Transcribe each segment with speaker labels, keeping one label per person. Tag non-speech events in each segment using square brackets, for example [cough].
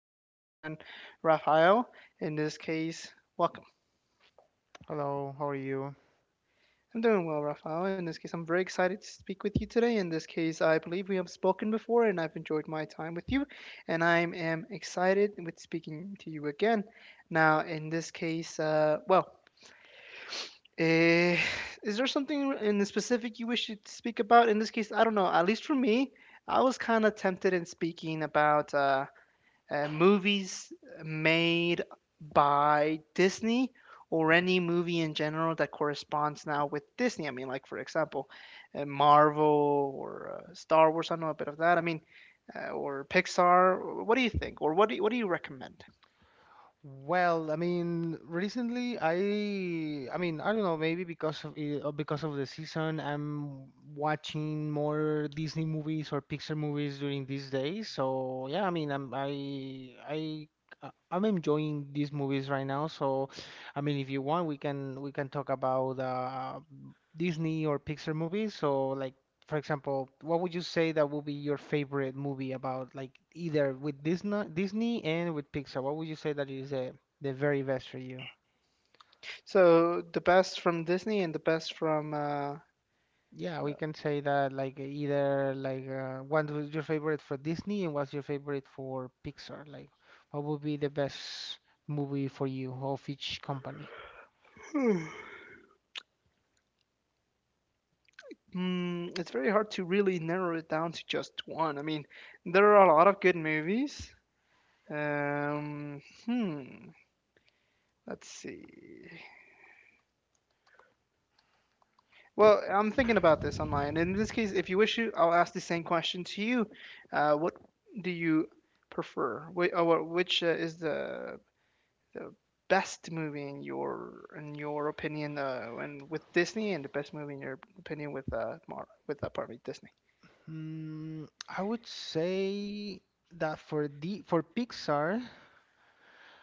Speaker 1: by my good friend Rafael. In this case, welcome.
Speaker 2: Hello, how are you?
Speaker 1: I'm doing well, Rafael. In this case, I'm very excited to speak with you today. In this case, I believe we have spoken before and I've enjoyed my time with you, and I am excited with speaking to you again. Now, in this case, eh, is there something in the specific you wish to speak about? In this case, I don't know. At least for me, I was kind of tempted in speaking about. Movies made by Disney or any movie in general that corresponds now with Disney. I mean, like for example, Marvel or Star Wars. I know a bit of that. I mean, or Pixar. What do you think, or what do you recommend?
Speaker 2: Well, I mean, recently I mean, I don't know, maybe because of it, because of the season, I'm watching more Disney movies or Pixar movies during these days. So, yeah, I mean, I'm I I'm enjoying these movies right now. So, I mean, if you want, we can talk about Disney or Pixar movies. So, like for example, what would you say that will be your favorite movie about like either with Disney, Disney and with Pixar? What would you say that is the very best for you?
Speaker 1: So the best from Disney and the best from.
Speaker 2: Yeah, we can say that like either like what was your favorite for Disney and what's your favorite for Pixar? Like what would be the best movie for you of each company?
Speaker 1: Hmm, it's very hard to really narrow it down to just one. I mean, there are a lot of good movies. Um, hmm. Let's see. Well, I'm thinking about this online. In this case, if you wish to, I'll ask the same question to you. What do you prefer? Which is the best movie in your opinion, and with Disney, and the best movie in your opinion with pardon me, Disney.
Speaker 2: I would say that for the for Pixar,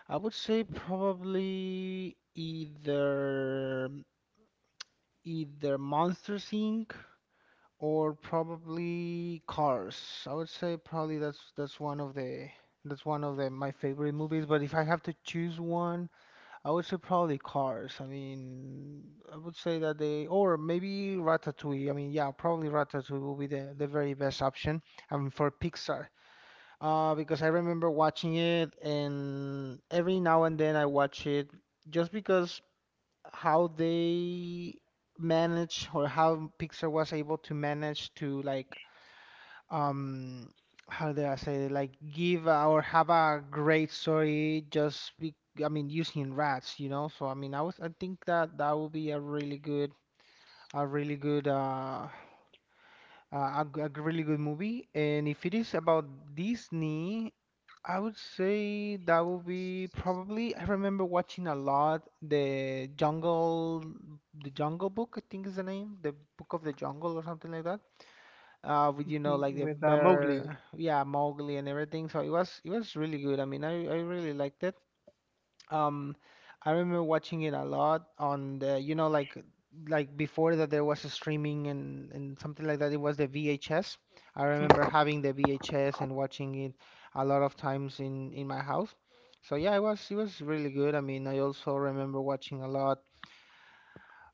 Speaker 2: I would say probably either Monsters Inc. or probably Cars. I would say probably that's one of the my favorite movies. But if I have to choose one, I would say probably Cars. I mean, I would say that they or maybe Ratatouille. I mean, yeah, probably Ratatouille will be the very best option. For Pixar. Because I remember watching it, and every now and then I watch it just because how they manage or how Pixar was able to manage to like um how do I say it? Like give or have a great story just I mean using rats, you know? So I mean I think that that would be a really good a really good uh a really good movie. And if it is about Disney, I would say that would be probably, I remember watching a lot the Jungle Book, I think is the name, the Book of the Jungle or something like that. With you know
Speaker 1: Mhm,
Speaker 2: like the
Speaker 1: with Mowgli.
Speaker 2: bear, yeah, Mowgli and everything. So it was really good. I mean I really liked it. Um, I remember watching it a lot on the, you know, like before that there was a streaming and something like that. It was the VHS. I remember having the VHS and watching it a lot of times in my house. So yeah, it was really good. I mean, I also remember watching a lot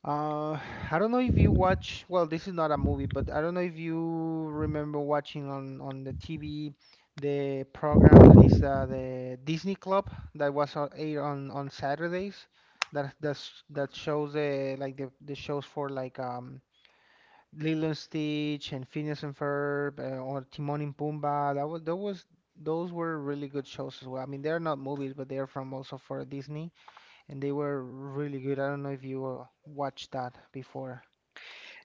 Speaker 2: uh, [sighs] I don't know if you watch, well, this is not a movie, but I don't know if you remember watching on the TV the program that is the Disney Club that was on air on Saturdays that that shows like the shows for like Lilo and Stitch and Phineas and Ferb or Timon and Pumbaa. That was, those were really good shows as well. I mean, they're not movies, but they are from also for Disney and they were really good. I don't know if you watched that before.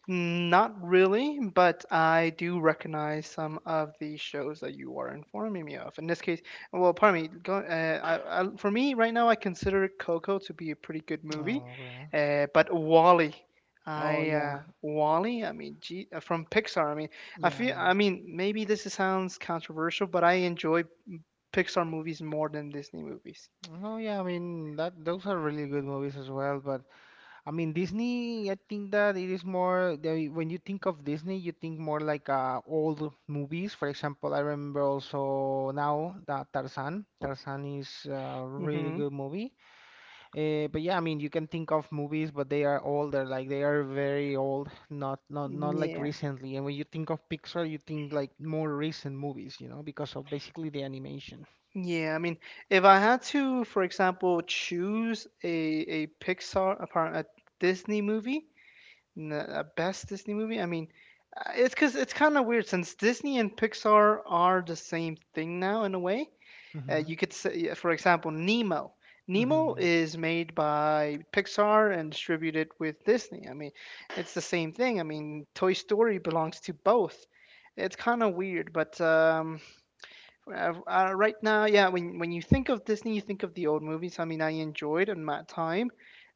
Speaker 1: Not really, but I do recognize some of the shows that you are informing me of. In this case, well, pardon me. For me, right now, I consider Coco to be a pretty good movie,
Speaker 2: Oh, okay.
Speaker 1: but Wally,
Speaker 2: Oh
Speaker 1: I
Speaker 2: yeah,
Speaker 1: Wally, I mean, from Pixar. I mean, I
Speaker 2: yeah,
Speaker 1: feel.
Speaker 2: yeah.
Speaker 1: I mean, maybe this sounds controversial, but I enjoy Pixar movies more than Disney movies.
Speaker 2: Oh yeah, I mean that those are really good movies as well. But I mean Disney, I think that it is more they, when you think of Disney, you think more like old movies. For example, I remember also now that Tarzan. Tarzan is a really
Speaker 1: Mm-hmm.
Speaker 2: good movie. But yeah, I mean, you can think of movies, but they are older, like they are very old, not not not like recently. And when you think of Pixar, you think like more recent movies, you know, because of basically the animation.
Speaker 1: Yeah, I mean, if I had to, for example, choose a Disney movie, a best Disney movie, I mean, it's because it's kind of weird since Disney and Pixar are the same thing now in a way. You
Speaker 2: Mhm.
Speaker 1: could say, yeah, for example, Nemo. Nemo
Speaker 2: Mhm.
Speaker 1: is made by Pixar and distributed with Disney. I mean, it's the same thing. I mean, Toy Story belongs to both. It's kind of weird, but right now, yeah, when you think of Disney, you think of the old movies. I mean, I enjoyed in my time.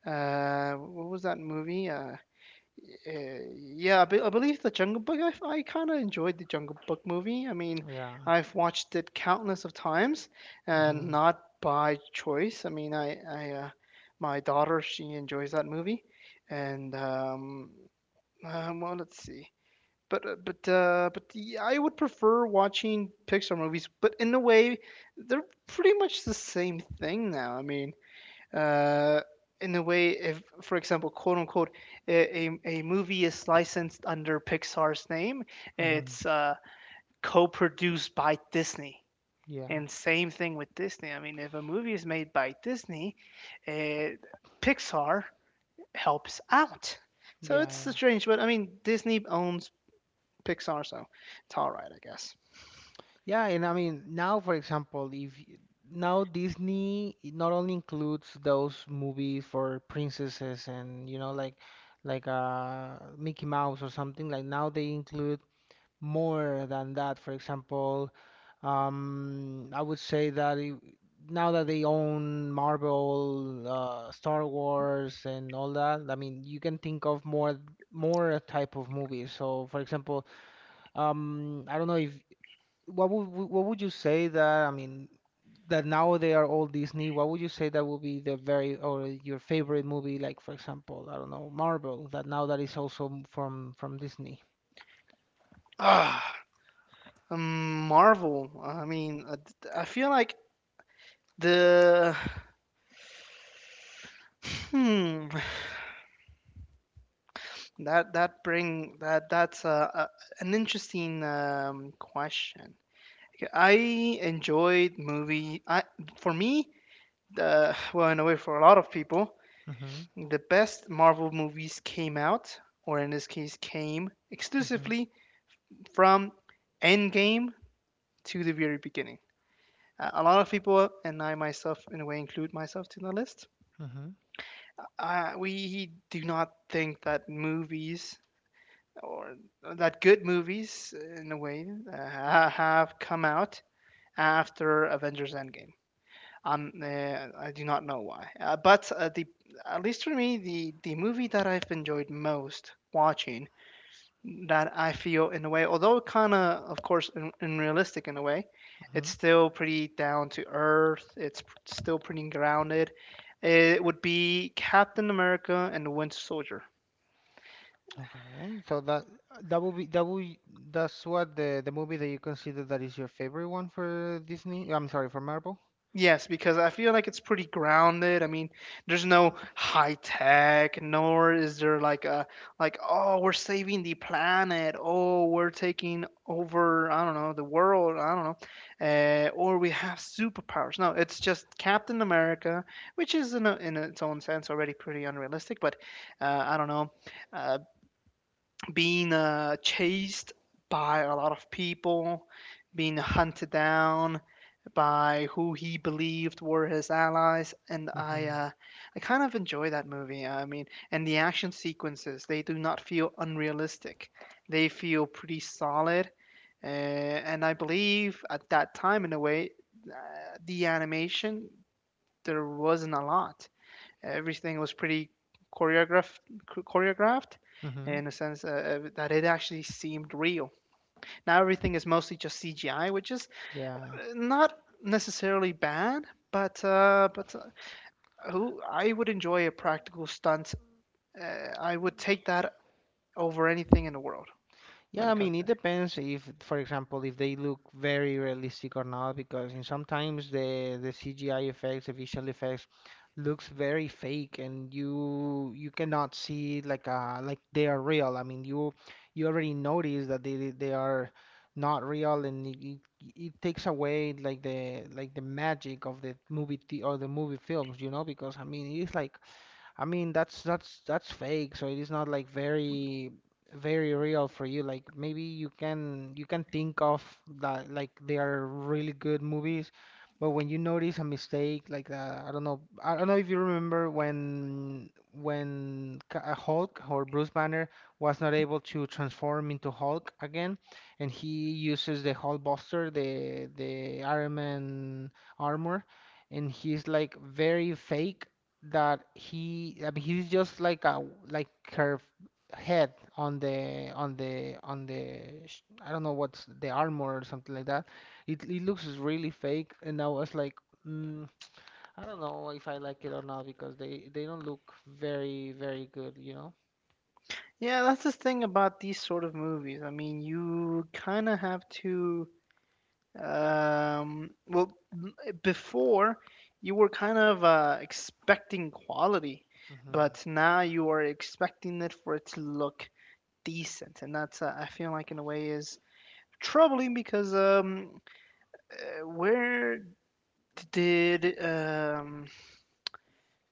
Speaker 1: What was that movie? Yeah, I believe the Jungle Book. I kind of enjoyed the Jungle Book movie. I mean,
Speaker 2: Yeah.
Speaker 1: I've watched it countless of times, and
Speaker 2: Mhm.
Speaker 1: not by choice. I mean, I my daughter she enjoys that movie, and well, let's see but yeah, I would prefer watching Pixar movies. But in a way, they're pretty much the same thing now. I mean, uh, in a way, if for example, quote unquote, a movie is licensed under Pixar's name,
Speaker 2: Mhm.
Speaker 1: it's co-produced by Disney.
Speaker 2: Yeah.
Speaker 1: And same thing with Disney. I mean, if a movie is made by Disney, uh, Pixar helps out. So
Speaker 2: Yeah,
Speaker 1: it's
Speaker 2: yeah.
Speaker 1: strange, but I mean, Disney owns Pixar, so it's all right, I guess.
Speaker 2: Yeah, and I mean, now for example, if y- now Disney it not only includes those movies for princesses and you know like Mickey Mouse or something, like now they include more than that. For example, I would say now that they own Marvel, Star Wars, and all that, I mean, you can think of more more type of movies. So, for example, I don't know if what would what would you say that I mean that now they are all Disney. What would you say that would be the very or your favorite movie? Like, for example, I don't know, Marvel. That now that is also from Disney.
Speaker 1: Ah, Marvel. I mean, I feel like the hmm that that bring that that's an interesting question. I enjoyed movie. For me, the well, in a way, for a lot of people,
Speaker 2: Mm-hmm.
Speaker 1: the best Marvel movies came out, or in this case, came exclusively from Endgame to the very beginning. A lot of people, and I myself, in a way, include myself to the list.
Speaker 2: Mm-hmm.
Speaker 1: We do not think that movies or that good movies, in a way, uh, have come out after Avengers Endgame. I do not know why, but the at least for me, the movie that I've enjoyed most watching that I feel in a way, although kind of course, unrealistic in a way, it's
Speaker 2: hmm
Speaker 1: still pretty down to earth. It's still pretty grounded. It would be Captain America and the Winter Soldier.
Speaker 2: Okay, so that that will be that will that's what the movie that you consider that is your favorite one for Disney. I'm sorry, for Marvel.
Speaker 1: Yes, because I feel like it's pretty grounded. I mean, there's no high tech, nor is there like oh, we're saving the planet, oh, we're taking over, I don't know, the world, I don't know, or we have superpowers. No, it's just Captain America, which is in its own sense already pretty unrealistic, but I don't know, uh, being chased by a lot of people, being hunted down by who he believed were his allies, and I
Speaker 2: hmm
Speaker 1: uh, I kind of enjoy that movie. I mean, and the action sequences they do not feel unrealistic; they feel pretty solid. And I believe at that time, in a way, the animation there wasn't a lot. Everything was pretty choreographed, choreographed
Speaker 2: hmm
Speaker 1: in a sense that it actually seemed real. Now everything is mostly just CGI, which is
Speaker 2: Yeah.
Speaker 1: not necessarily bad, but who I would enjoy a practical stunt. I would take that over anything in the world when
Speaker 2: Yeah, I
Speaker 1: it comes
Speaker 2: mean,
Speaker 1: to.
Speaker 2: it depends if, for example, if they look very realistic or not, because in sometimes the CGI effects, the visual effects, looks very fake, and you cannot see like they are real. I mean, you already notice that they are not real, and it it takes away like the magic of or the movie films, you know, because I mean, it is like. I mean, that's fake, so it is not like very very real for you. Like maybe you can think of that like they are really good movies, but when you notice a mistake like I don't know if you remember when Hulk or Bruce Banner was not able to transform into Hulk again, and he uses the Hulkbuster, the Iron Man armor, and he's like very fake that he I mean he's just like a like her head on the on the on the I don't know what's the armor or something like that. It looks really fake, and I was like, mm, I don't know if I like it or not because they don't look very very good, you know.
Speaker 1: Yeah, that's the thing about these sort of movies. I mean, you kind of have to. Um, well, m- before you were kind of expecting quality,
Speaker 2: hmm
Speaker 1: but now you are expecting it for it to look decent, and that's I feel like in a way is troubling because where did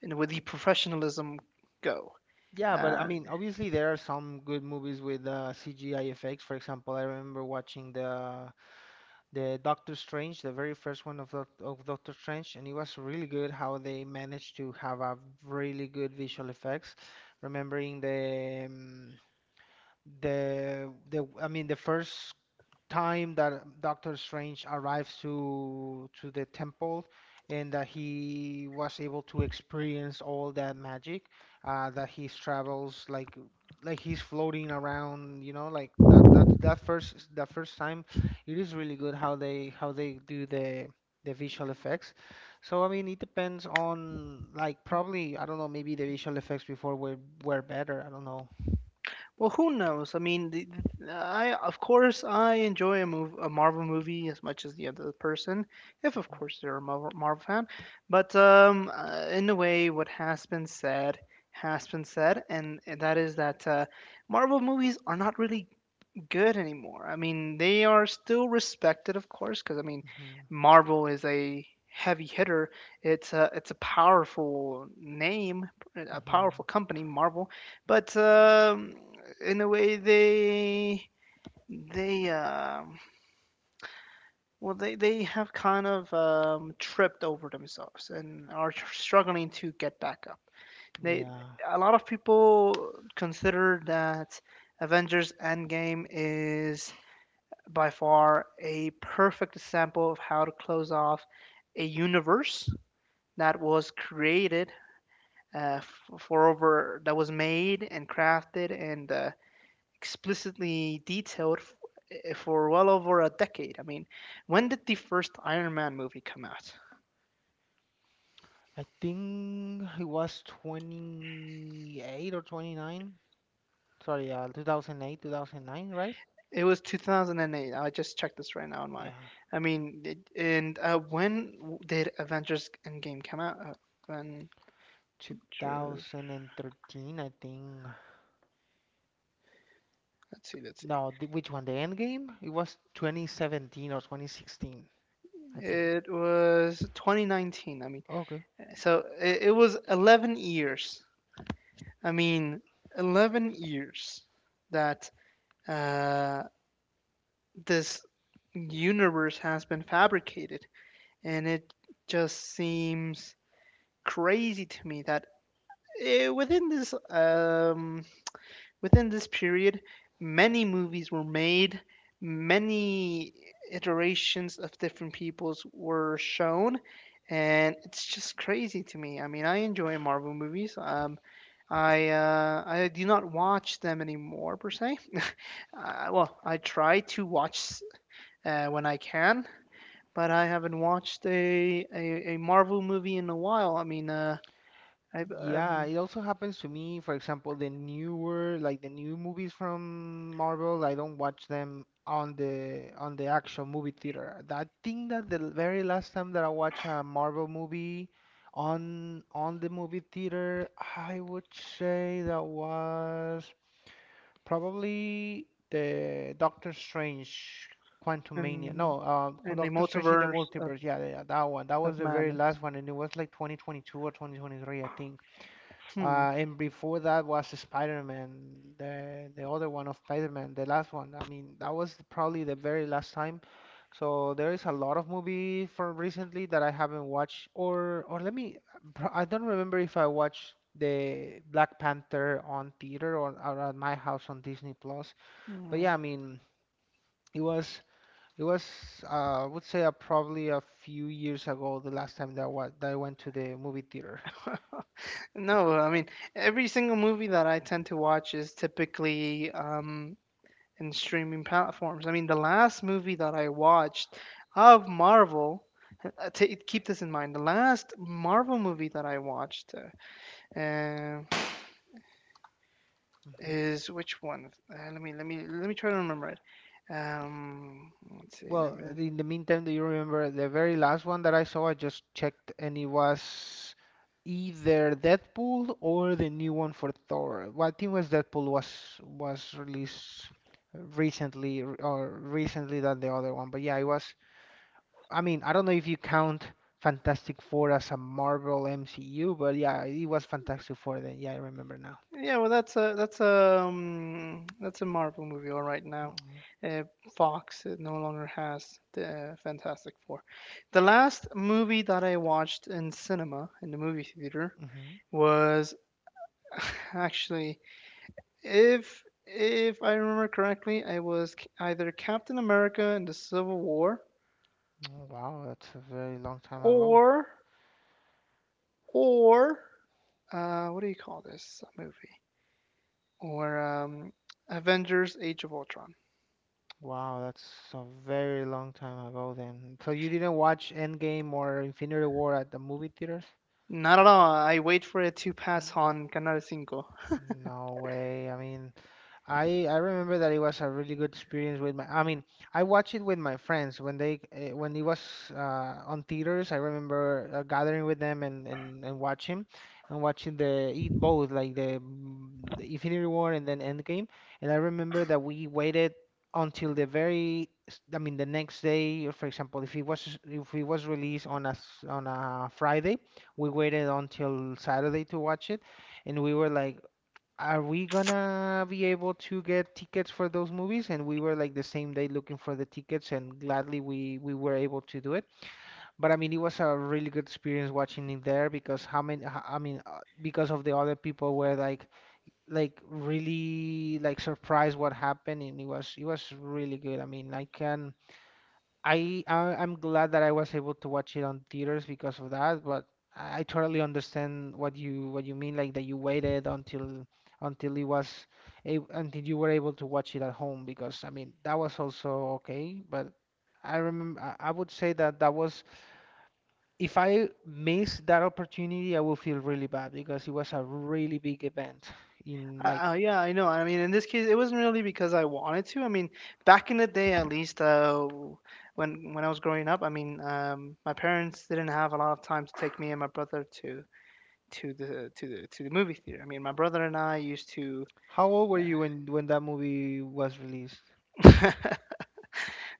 Speaker 1: you know, where the professionalism go?
Speaker 2: Yeah, but I
Speaker 1: Uh,
Speaker 2: mean, obviously there are some good movies with CGI effects. For example, I remember watching the Doctor Strange, the very first one of Doctor Strange, and it was really good how they managed to have a really good visual effects. Remembering the the first time that Doctor Strange arrives to the temple and that he was able to experience all that magic, that he travels like he's floating around, you know, like that first that first time, it is really good how they do the visual effects. So I mean it depends on, like, probably I don't know, maybe the visual effects before were better, I don't know.
Speaker 1: well, who knows? I mean, I of course I enjoy a Marvel movie as much as the other person, if of course they're a Marvel fan. But in a way, what has been said, and that is that Marvel movies are not really good anymore. I mean, they are still respected, of course, because I mean,
Speaker 2: hmm
Speaker 1: Marvel is a heavy hitter. It's a powerful name, a
Speaker 2: hmm
Speaker 1: powerful company, Marvel. But in a way, they well they have kind of tripped over themselves and are struggling to get back up. They
Speaker 2: yeah,
Speaker 1: a lot of people consider that Avengers Endgame is by far a perfect example of how to close off a universe that was created for over that was made and crafted and explicitly detailed for well over a decade. I mean, when did the first Iron Man movie come out?
Speaker 2: I think it was 28 or 29. Sorry, 2008, 2009, right?
Speaker 1: It was 2008. I just checked this right now on my.
Speaker 2: Yeah,
Speaker 1: I mean, it, and when did Avengers Endgame come out? Avengers.
Speaker 2: 2013, I think.
Speaker 1: Let's see. Let's see.
Speaker 2: No, the, which one? The end game? It was 2017 or 2016, I think.
Speaker 1: It was 2019. I mean,
Speaker 2: Okay.
Speaker 1: so it was 11 years. I mean, 11 years that uh, this universe has been fabricated. And it just seems crazy to me that eh, within this um, within this period, many movies were made, many iterations of different peoples were shown, and it's just crazy to me. I mean, I enjoy Marvel movies. I do not watch them anymore per se. [laughs] Well, I try to watch when I can, but I haven't watched a Marvel movie in a while. I mean, I've
Speaker 2: Yeah, it also happens to me. For example, the newer, like the new movies from Marvel, I don't watch them on the actual movie theater. I think that the very last time that I watched a Marvel movie on the movie theater, I would say that was probably the Doctor Strange Quantumania.
Speaker 1: in
Speaker 2: No,
Speaker 1: in the
Speaker 2: Doctor Strange in the
Speaker 1: multiverse of,
Speaker 2: Multiverse. Yeah, yeah, yeah, that one. That
Speaker 1: of
Speaker 2: was the very
Speaker 1: madness.
Speaker 2: last one, and it was like 2022 or 2023, I think.
Speaker 1: Hmm.
Speaker 2: And before that was Spider-Man, the other one of Spider-Man, the last one. I mean, that was probably the very last time. So there is a lot of movie from recently that I haven't watched, or let me, pro- I don't remember if I watched the Black Panther on theater, or at my house on Disney Plus. But yeah,
Speaker 1: hmm.
Speaker 2: I mean, it was it was I would say probably a few years ago the last time that I, wa that I went to the movie theater.
Speaker 1: [laughs] No, I mean every single movie that I tend to watch is typically in streaming platforms. I mean the last movie that I watched of Marvel, keep this in mind. The last Marvel movie that I watched uh,
Speaker 2: Mm-hmm.
Speaker 1: is which one? Let me let me try to remember it. Um, let's see. Let
Speaker 2: Well,
Speaker 1: me.
Speaker 2: in the meantime, do you remember the very last one that I saw? I just checked, and it was either Deadpool or the new one for Thor. Well, I think it was Deadpool was released recently, or recently than the other one. But yeah, it was. I mean, I don't know if you count Fantastic Four as a Marvel MCU, but yeah, it was Fantastic Four then. Yeah, I remember now.
Speaker 1: Yeah, well, that's a that's a that's a Marvel movie, all right now.
Speaker 2: Mm-hmm.
Speaker 1: Uh, Fox no longer has the Fantastic Four. The last movie that I watched in cinema in the movie theater
Speaker 2: Mm-hmm.
Speaker 1: was [laughs] actually, if I remember correctly, either Captain America in the Civil War
Speaker 2: Oh, wow, that's a very long time ago.
Speaker 1: or or what do you call this movie? Or Avengers: Age of Ultron.
Speaker 2: Wow, that's a very long time ago then. So you didn't watch Endgame or Infinity War at the movie theaters?
Speaker 1: Not at all. I wait for it to
Speaker 2: Uh,
Speaker 1: pass on Canal cinco.
Speaker 2: No way. I mean, I remember that it was a really good experience with my. I mean, I watched it with my friends when when it was on theaters. I remember gathering with them, and watching the eat both like the Infinity War and then Endgame. And I remember that we waited until the very. The next day, for example, if it was released on on a Friday, we waited until Saturday to watch it, and we were like, are we gonna be able to get tickets for those movies? And we were like the same day looking for the tickets, and gladly we were able to do it. But I mean, it was a really good experience watching it there because I mean, because of the other people were like really like surprised what happened, and it was really good. I mean, I can. I'm glad that I was able to watch it on theaters because of that, but I totally understand what you mean, like that you waited until it was until you were able to watch it at home, because I mean that was also okay. But I remember I would say that that was, if I miss that opportunity, I will feel really bad because it was a really big event. in like
Speaker 1: Yeah, I know. I mean, in this case, it wasn't really because I wanted to. I mean, back in the day, at least, when I was growing up, I mean, my parents didn't have a lot of time to take me and my brother to the to the movie theater. I mean, my brother and I used to
Speaker 2: how old were you when that movie was released?
Speaker 1: [laughs]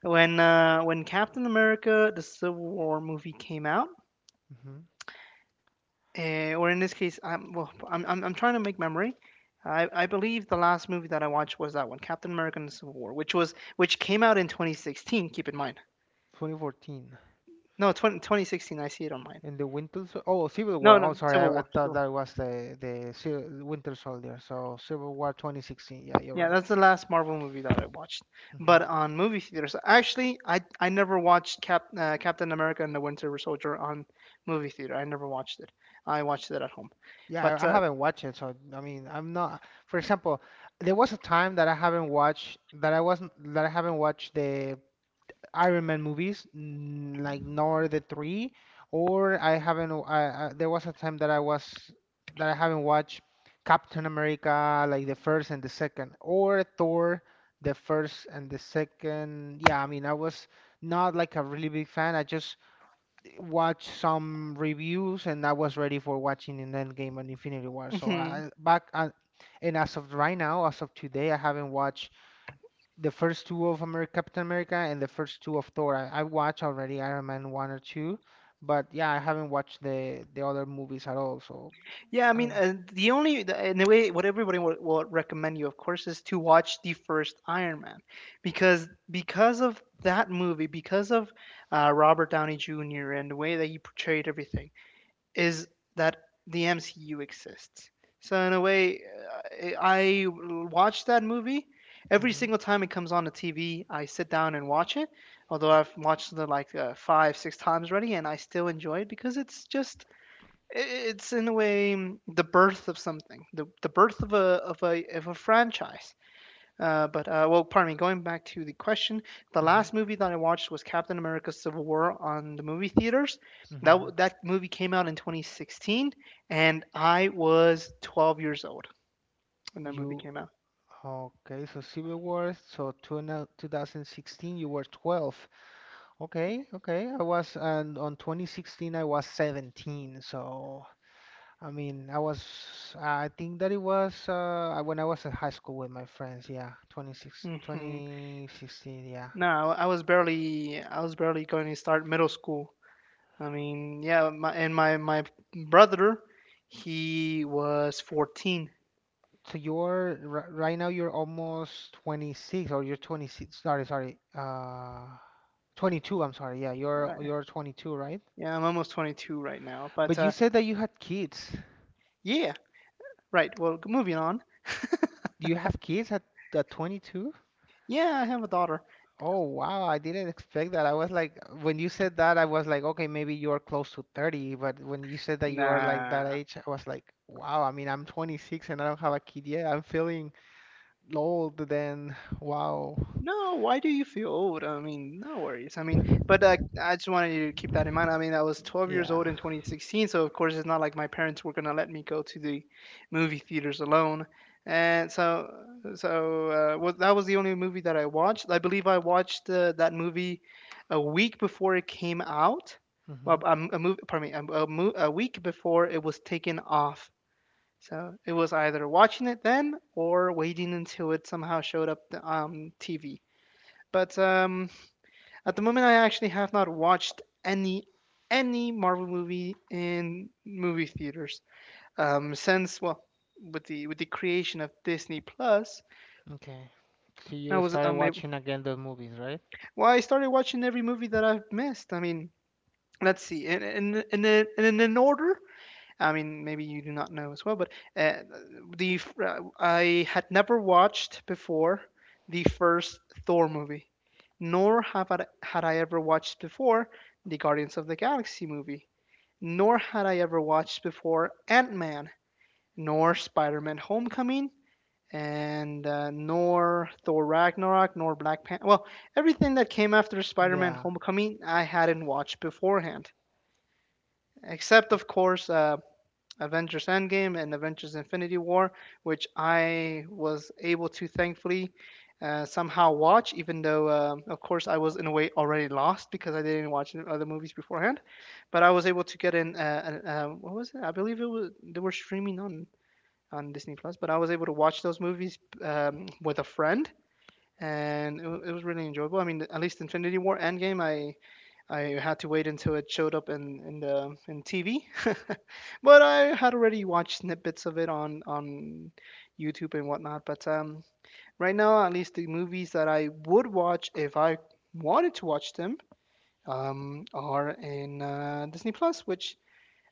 Speaker 1: when Captain America: The Civil War movie came out.
Speaker 2: Hmm.
Speaker 1: Or in this case, I'm well. I'm trying to make memory. I believe the last movie that I watched was that one, Captain America: and the Civil War, which came out in 2016. Keep in mind.
Speaker 2: 2014.
Speaker 1: No, 20, 2016. I see it on mine.
Speaker 2: In the Winter Sol- Oh, Civil War.
Speaker 1: No,
Speaker 2: Oh,
Speaker 1: no,
Speaker 2: sorry,
Speaker 1: Civil
Speaker 2: I
Speaker 1: War.
Speaker 2: thought
Speaker 1: Civil.
Speaker 2: that was the Civil, Winter Soldier. So Civil War 2016. Yeah, you're
Speaker 1: Yeah,
Speaker 2: right.
Speaker 1: that's the last Marvel movie that I watched.
Speaker 2: Hmm.
Speaker 1: But on movie theaters, actually, I never watched Captain America and the Winter Soldier on movie theater. I never watched it. I watched it at home.
Speaker 2: Yeah,
Speaker 1: But
Speaker 2: I haven't watched it. So I mean, I'm not. For example, there was a time that I haven't watched that I wasn't that I haven't watched the Iron Man movies, like nor the three, or I haven't. W- I, there was a time that I was that I haven't watched Captain America, like the first and the second, or Thor, the first and the second. Yeah, I mean, I was not like a really big fan. I just watched some reviews and I was ready for watching an Endgame and Infinity War. So I
Speaker 1: [laughs]
Speaker 2: back And as of right now, as of today, I haven't watched the first two of America, Captain America, and the first two of Thor. I watched already Iron Man one or two, but yeah, I haven't watched the other movies at all. So
Speaker 1: Yeah, I
Speaker 2: I
Speaker 1: mean,
Speaker 2: don't know.
Speaker 1: the only the, in a way, what everybody will recommend you, of course, is to watch the first Iron Man, because of that movie, because of Robert Downey Jr. and the way that he portrayed everything, is that the MCU exists. So in a way, I watch that movie every
Speaker 2: Mm-hmm,
Speaker 1: single time it comes on the TV. I sit down and watch it, although I've watched it like five, six times already, and I still enjoy it because it's just it's in a way the birth of something, the birth of a of a franchise. Pardon me. Going back to the question, the
Speaker 2: mm-hmm,
Speaker 1: last movie that I watched was Captain America: Civil War on the movie theaters. That w-
Speaker 2: mm-hmm.
Speaker 1: that movie came out in 2016, and I was 12 years old when that movie
Speaker 2: You
Speaker 1: came out.
Speaker 2: okay? So Civil War. So 2016, you were 12. Okay, okay. I was, and on 2016 I was 17. So I mean, I was. I think that it was when I was in high school with my friends. Yeah,
Speaker 1: Hmm.
Speaker 2: 2016. Yeah.
Speaker 1: No, I was barely going to start middle school. I mean, yeah, my, and my my brother, he was 14.
Speaker 2: So you're, r right now you're almost 26, or you're 26. Sorry, sorry. 22, I'm sorry. Yeah, you're 22, right?
Speaker 1: Yeah, I'm almost 22 right now. But
Speaker 2: But you said that you had kids.
Speaker 1: yeah, right. Well, moving on.
Speaker 2: Do you have kids at 22?
Speaker 1: Yeah, I have a daughter.
Speaker 2: Oh, wow. I didn't expect that. I was like, when you said that, I was like, okay, maybe you are close to 30, but when you said that you are like that
Speaker 1: Nah.
Speaker 2: age, I was like, wow. I mean, I'm 26 and I don't have a kid yet. I'm feeling old then. Wow.
Speaker 1: No, why do you feel old? I mean, no worries. I mean, but I just wanted you to keep that in mind. I mean, I was 12 years
Speaker 2: Yeah.
Speaker 1: old in 2016, so of course it's not like my parents were gonna let me go to the movie theaters alone. And so, so was, that was the only movie that I watched. I believe I watched that movie a week before it came out. Well,
Speaker 2: Hmm.
Speaker 1: a, m- a mov- Pardon me, a, m- a mo- a week before it was taken off. So it was either watching it then or waiting until it somehow showed up the TV. But At the moment, I actually have not watched any Marvel movie in movie theaters since with the creation of Disney Plus,
Speaker 2: Okay. So
Speaker 1: I
Speaker 2: you
Speaker 1: was
Speaker 2: started watching again those movies, right?
Speaker 1: I started watching every movie that I've missed. I mean, let's see, in an order, I mean, maybe you do not know as well, but uh, the I had never watched before the first Thor movie, nor have I, had I ever watched before the Guardians of the Galaxy movie, nor had I ever watched before Ant Man, nor Spider Man Homecoming, and nor Thor Ragnarok, nor Black Panther. Well, everything that came after Spider Man
Speaker 2: Yeah.
Speaker 1: Homecoming, I hadn't watched beforehand, except of course. Avengers Endgame and Avengers Infinity War, which I was able to thankfully somehow watch, even though, of course, I was in a way already lost because I didn't watch the other movies beforehand. But I was able to get in, what was it? I believe it was, they were streaming on Disney Plus, but I was able to watch those movies with a friend. And it was really enjoyable. I mean, at least Infinity War Endgame, I had to wait until it showed up in TV, [laughs] but I had already watched snippets of it on YouTube and whatnot. But right now, at least the movies that I would watch if I wanted to watch them are in Disney Plus, which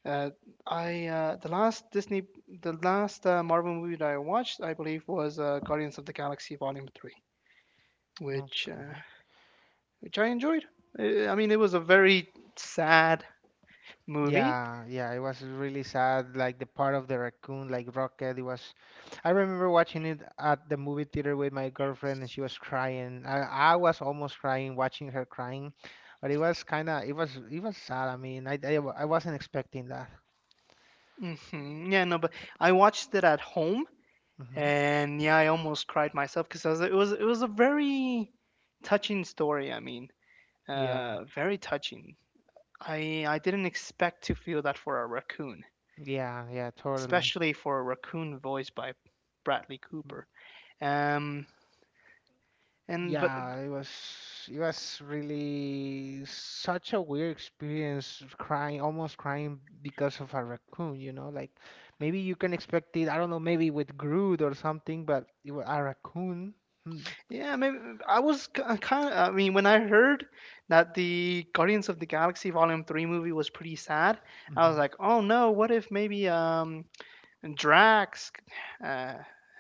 Speaker 1: uh, I the last Disney the last Marvel movie that I watched, I believe, was Guardians of the Galaxy Volume Three, which uh,
Speaker 2: Okay.
Speaker 1: which I enjoyed. I mean, it was a very sad movie.
Speaker 2: Yeah, yeah, it was really sad. Like the part of the raccoon, like Rocket, it was. I remember watching it at the movie theater with my girlfriend, and she was crying. I was almost crying, watching her crying, but it was kind of, it was sad. I mean, I wasn't expecting that.
Speaker 1: Mhm. Yeah, no, but I watched it at home,
Speaker 2: Hmm.
Speaker 1: and yeah, I almost cried myself because it was a very touching story. I mean,
Speaker 2: Yeah,
Speaker 1: very touching. I didn't expect to feel that for a raccoon,
Speaker 2: yeah, yeah, totally.
Speaker 1: especially for a raccoon voiced by Bradley Cooper. Um, and but
Speaker 2: Yeah, it was really such a weird experience crying, almost crying because of a raccoon, you know? Like maybe you can expect it, I don't know, maybe with Groot or something, but it was a raccoon.
Speaker 1: Yeah, maybe I was kind of. I mean, when I heard that the Guardians of the Galaxy Volume Three movie was pretty sad, I was
Speaker 2: Mm-hmm.
Speaker 1: like, oh no, what if maybe and Drax uh,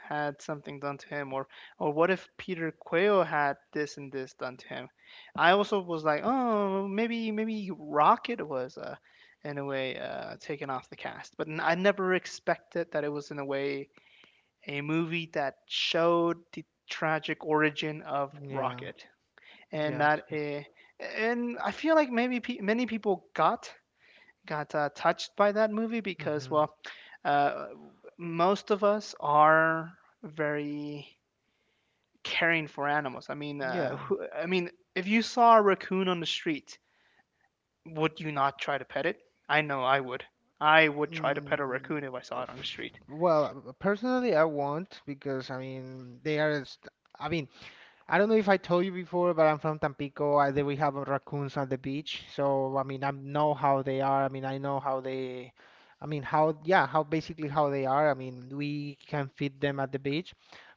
Speaker 1: had something done to him, or what if Peter Quill had this and this done to him? I also was like, oh, maybe maybe Rocket was in a way taken off the cast, but I never expected that it was in a way a movie that showed the tragic origin of
Speaker 2: Yeah,
Speaker 1: Rocket, and
Speaker 2: yeah,
Speaker 1: that a, and I feel like maybe many people got touched by that movie because,
Speaker 2: mm-hmm.
Speaker 1: well, uh, most of us are very caring for animals. I mean,
Speaker 2: Yeah.
Speaker 1: I mean, if you saw a raccoon on the street, would you not try to pet it? I know I would. I would try to pet a
Speaker 2: Mm,
Speaker 1: raccoon if I saw it on the
Speaker 2: f-
Speaker 1: street.
Speaker 2: well, personally, I won't, because I mean they are. I mean, I don't know if I told you before, but I'm from Tampico. We have raccoons on the beach, so I mean, I know how they are. I mean, I know how they, I mean, how, yeah, how basically how they are. I mean, we can feed them at the beach,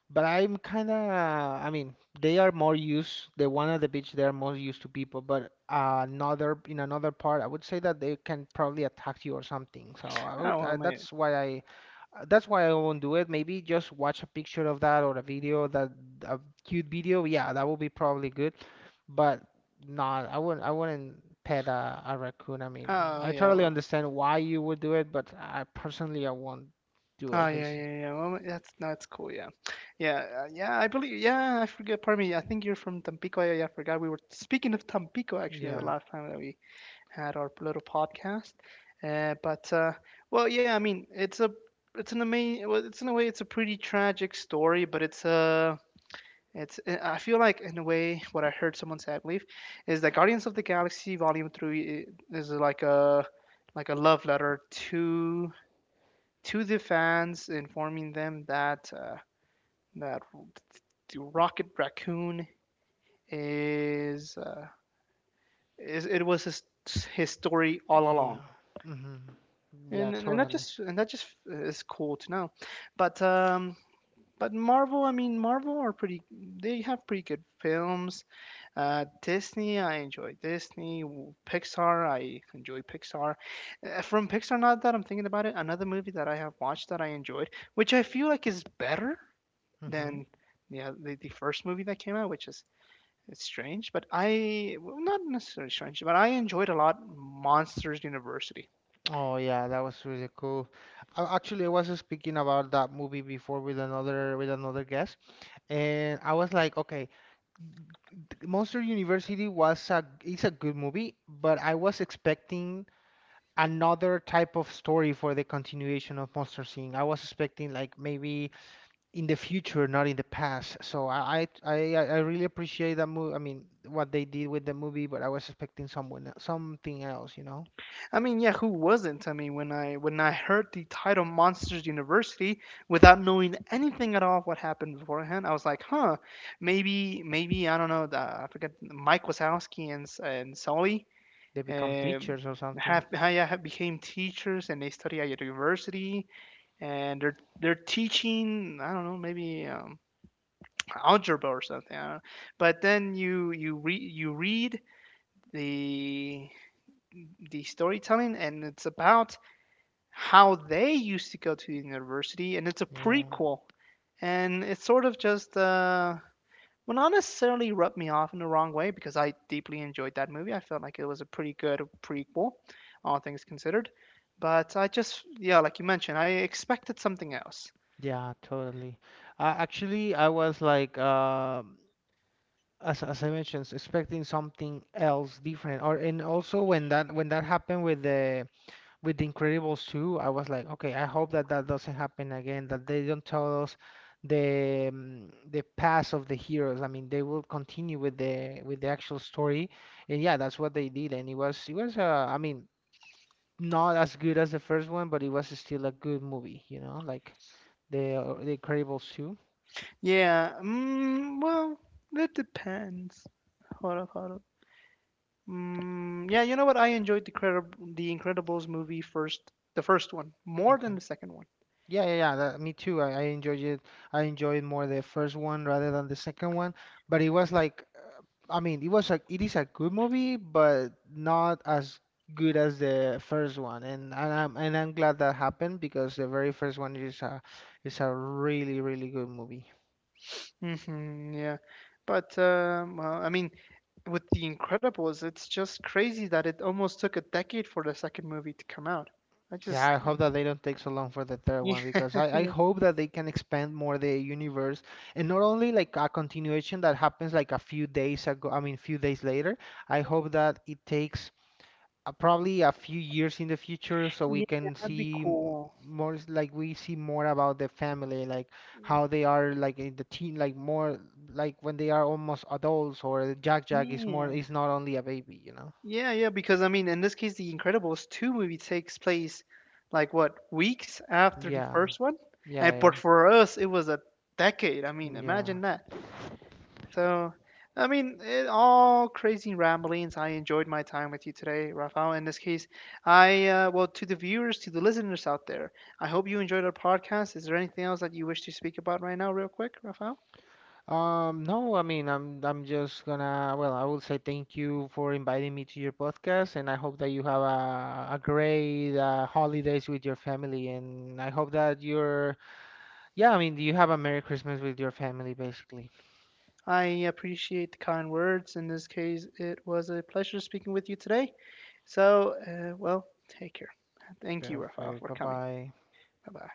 Speaker 2: but I'm kind of, I mean, they are more used, the one at the beach, they are more used to people, but in another part, I would say that they can probably attack you or something. So
Speaker 1: Oh well, my.
Speaker 2: that's why I won't do it. Maybe just watch a picture of that or a video that a cute video. Yeah, that would be probably good. But not, I wouldn't. I wouldn't pet a raccoon. I mean,
Speaker 1: Oh
Speaker 2: I
Speaker 1: yeah,
Speaker 2: totally
Speaker 1: well.
Speaker 2: understand why you would do it, but I personally I won't do
Speaker 1: Oh
Speaker 2: it.
Speaker 1: yeah,
Speaker 2: Basically.
Speaker 1: yeah, yeah, yeah. Well, that's cool. Yeah, yeah, yeah. I believe. Yeah, I forget. Pardon me. I think you're from Tampico. Yeah, yeah, I forgot. We were speaking of Tampico actually the
Speaker 2: Yeah.
Speaker 1: last time that we had our little podcast. Uh, but uh, yeah, I mean, it's a it's an amazing. Well, it's in a way, it's a pretty tragic story, but it's a it's. Eh, I feel like in a way, what I heard someone say, I believe, is that Guardians of the Galaxy Volume Three is like a love letter to the fans, informing them that that the Rocket Raccoon is uh, is it was his story all along,
Speaker 2: Yeah. Mm-hmm. Yeah.
Speaker 1: and that
Speaker 2: Totally.
Speaker 1: just is cool to know. But um, but Marvel, I mean, Marvel are pretty. They have pretty good films. Disney, I enjoy Disney. Pixar, I enjoy Pixar. From Pixar, now that I'm thinking about it, another movie that I have watched that I enjoyed, which I feel like is better
Speaker 2: Mm-hmm.
Speaker 1: than the first movie that came out, which is. It's strange, but I well, not necessarily strange, but I enjoyed a lot Monsters University.
Speaker 2: Oh yeah, that was really cool. Actually, I was speaking about that movie before with another guest, and I was like, okay. Monster University was a it's a good movie, but I was expecting another type of story for the continuation of Monster Inc. I was expecting like maybe in the future, not in the past. So I really appreciate that movie. I mean, what they did with the movie, but I was expecting someone something else, you know?
Speaker 1: I mean, yeah, who wasn't? I mean, when I heard the title Monsters University without knowing anything at all of what happened beforehand, I was like, huh, maybe maybe I don't know. The, I forget Mike Wazowski and Sully
Speaker 2: They become
Speaker 1: um,
Speaker 2: teachers or something.
Speaker 1: have, yeah, have became teachers and they study at a university and they're teaching. I don't know, maybe algebra or something. I don't know. But then you read the the storytelling and it's about how they used to go to university, and it's a
Speaker 2: Yeah.
Speaker 1: prequel, and it sort of just not necessarily rubbed me off in the wrong way because I deeply enjoyed that movie. I felt like it was a pretty good prequel, all things considered. But I just, yeah, like you mentioned, I expected something else.
Speaker 2: Yeah, totally. Actually, I was like, as I mentioned, expecting something else different. Or and also when that happened with the Incredibles 2, I was like, okay, I hope that that doesn't happen again. That they don't tell us the past of the heroes. I mean, they will continue with the actual story. And yeah, that's what they did. And it was I mean, not as good as the first one, but it was still a good movie. You know, like the Incredibles 2.
Speaker 1: Yeah, well, it depends. Hold up, hold up. Mm, yeah, you know what? I enjoyed the Incredibles movie first, the first one, more than the second one.
Speaker 2: Yeah, yeah, yeah. That, me too. I enjoyed it. I enjoyed more the first one rather than the second one. But it was like, I mean, it is a good movie, but not as good as the first one. And I'm glad that happened, because the very first one is a really really good movie.
Speaker 1: Hmm, yeah. I mean, with The Incredibles, it's just crazy that it almost took a decade for the second movie to come out. I
Speaker 2: Yeah,
Speaker 1: just,
Speaker 2: I hope that they don't take so long for the third
Speaker 1: [laughs]
Speaker 2: one,
Speaker 1: yeah,
Speaker 2: because I
Speaker 1: yeah,
Speaker 2: hope that they can expand more the universe, and not only like a continuation that happens like a few days ago, I mean few days later. I hope that it takes probably a few years in the future, so we
Speaker 1: yeah,
Speaker 2: can
Speaker 1: that'd be
Speaker 2: see
Speaker 1: cool.
Speaker 2: like we see more about the family, like how they are, like in the teen, like more, like when they are almost adults, or Jack Jack is more
Speaker 1: Yeah.
Speaker 2: is not only a baby.
Speaker 1: Yeah, yeah, because I mean, in this case, The Incredibles 2 movie takes place like what, weeks after the
Speaker 2: Yeah,
Speaker 1: first one?
Speaker 2: yeah,
Speaker 1: And but
Speaker 2: yeah,
Speaker 1: for us, it was a decade. I mean,
Speaker 2: yeah. Yeah.
Speaker 1: imagine that. So, I mean, all crazy ramblings. I enjoyed my time with you today, Rafael. In this case, to the viewers, to the listeners out there, I hope you enjoyed our podcast. Is there anything else that you wish to speak about right now, real quick, Rafael?
Speaker 2: No, I mean, I'm just gonna, well, I will say thank you for inviting me to your podcast, and I hope that you have a great holidays with your family, and I hope that you're. Yeah, I mean, do you have a Merry Christmas with your family, basically?
Speaker 1: I appreciate the kind words. In this case, it was a pleasure speaking with you today. So, take care. Thank you, Rafael,
Speaker 2: Perfect.
Speaker 1: for
Speaker 2: Bye
Speaker 1: coming.
Speaker 2: bye.
Speaker 1: Bye bye.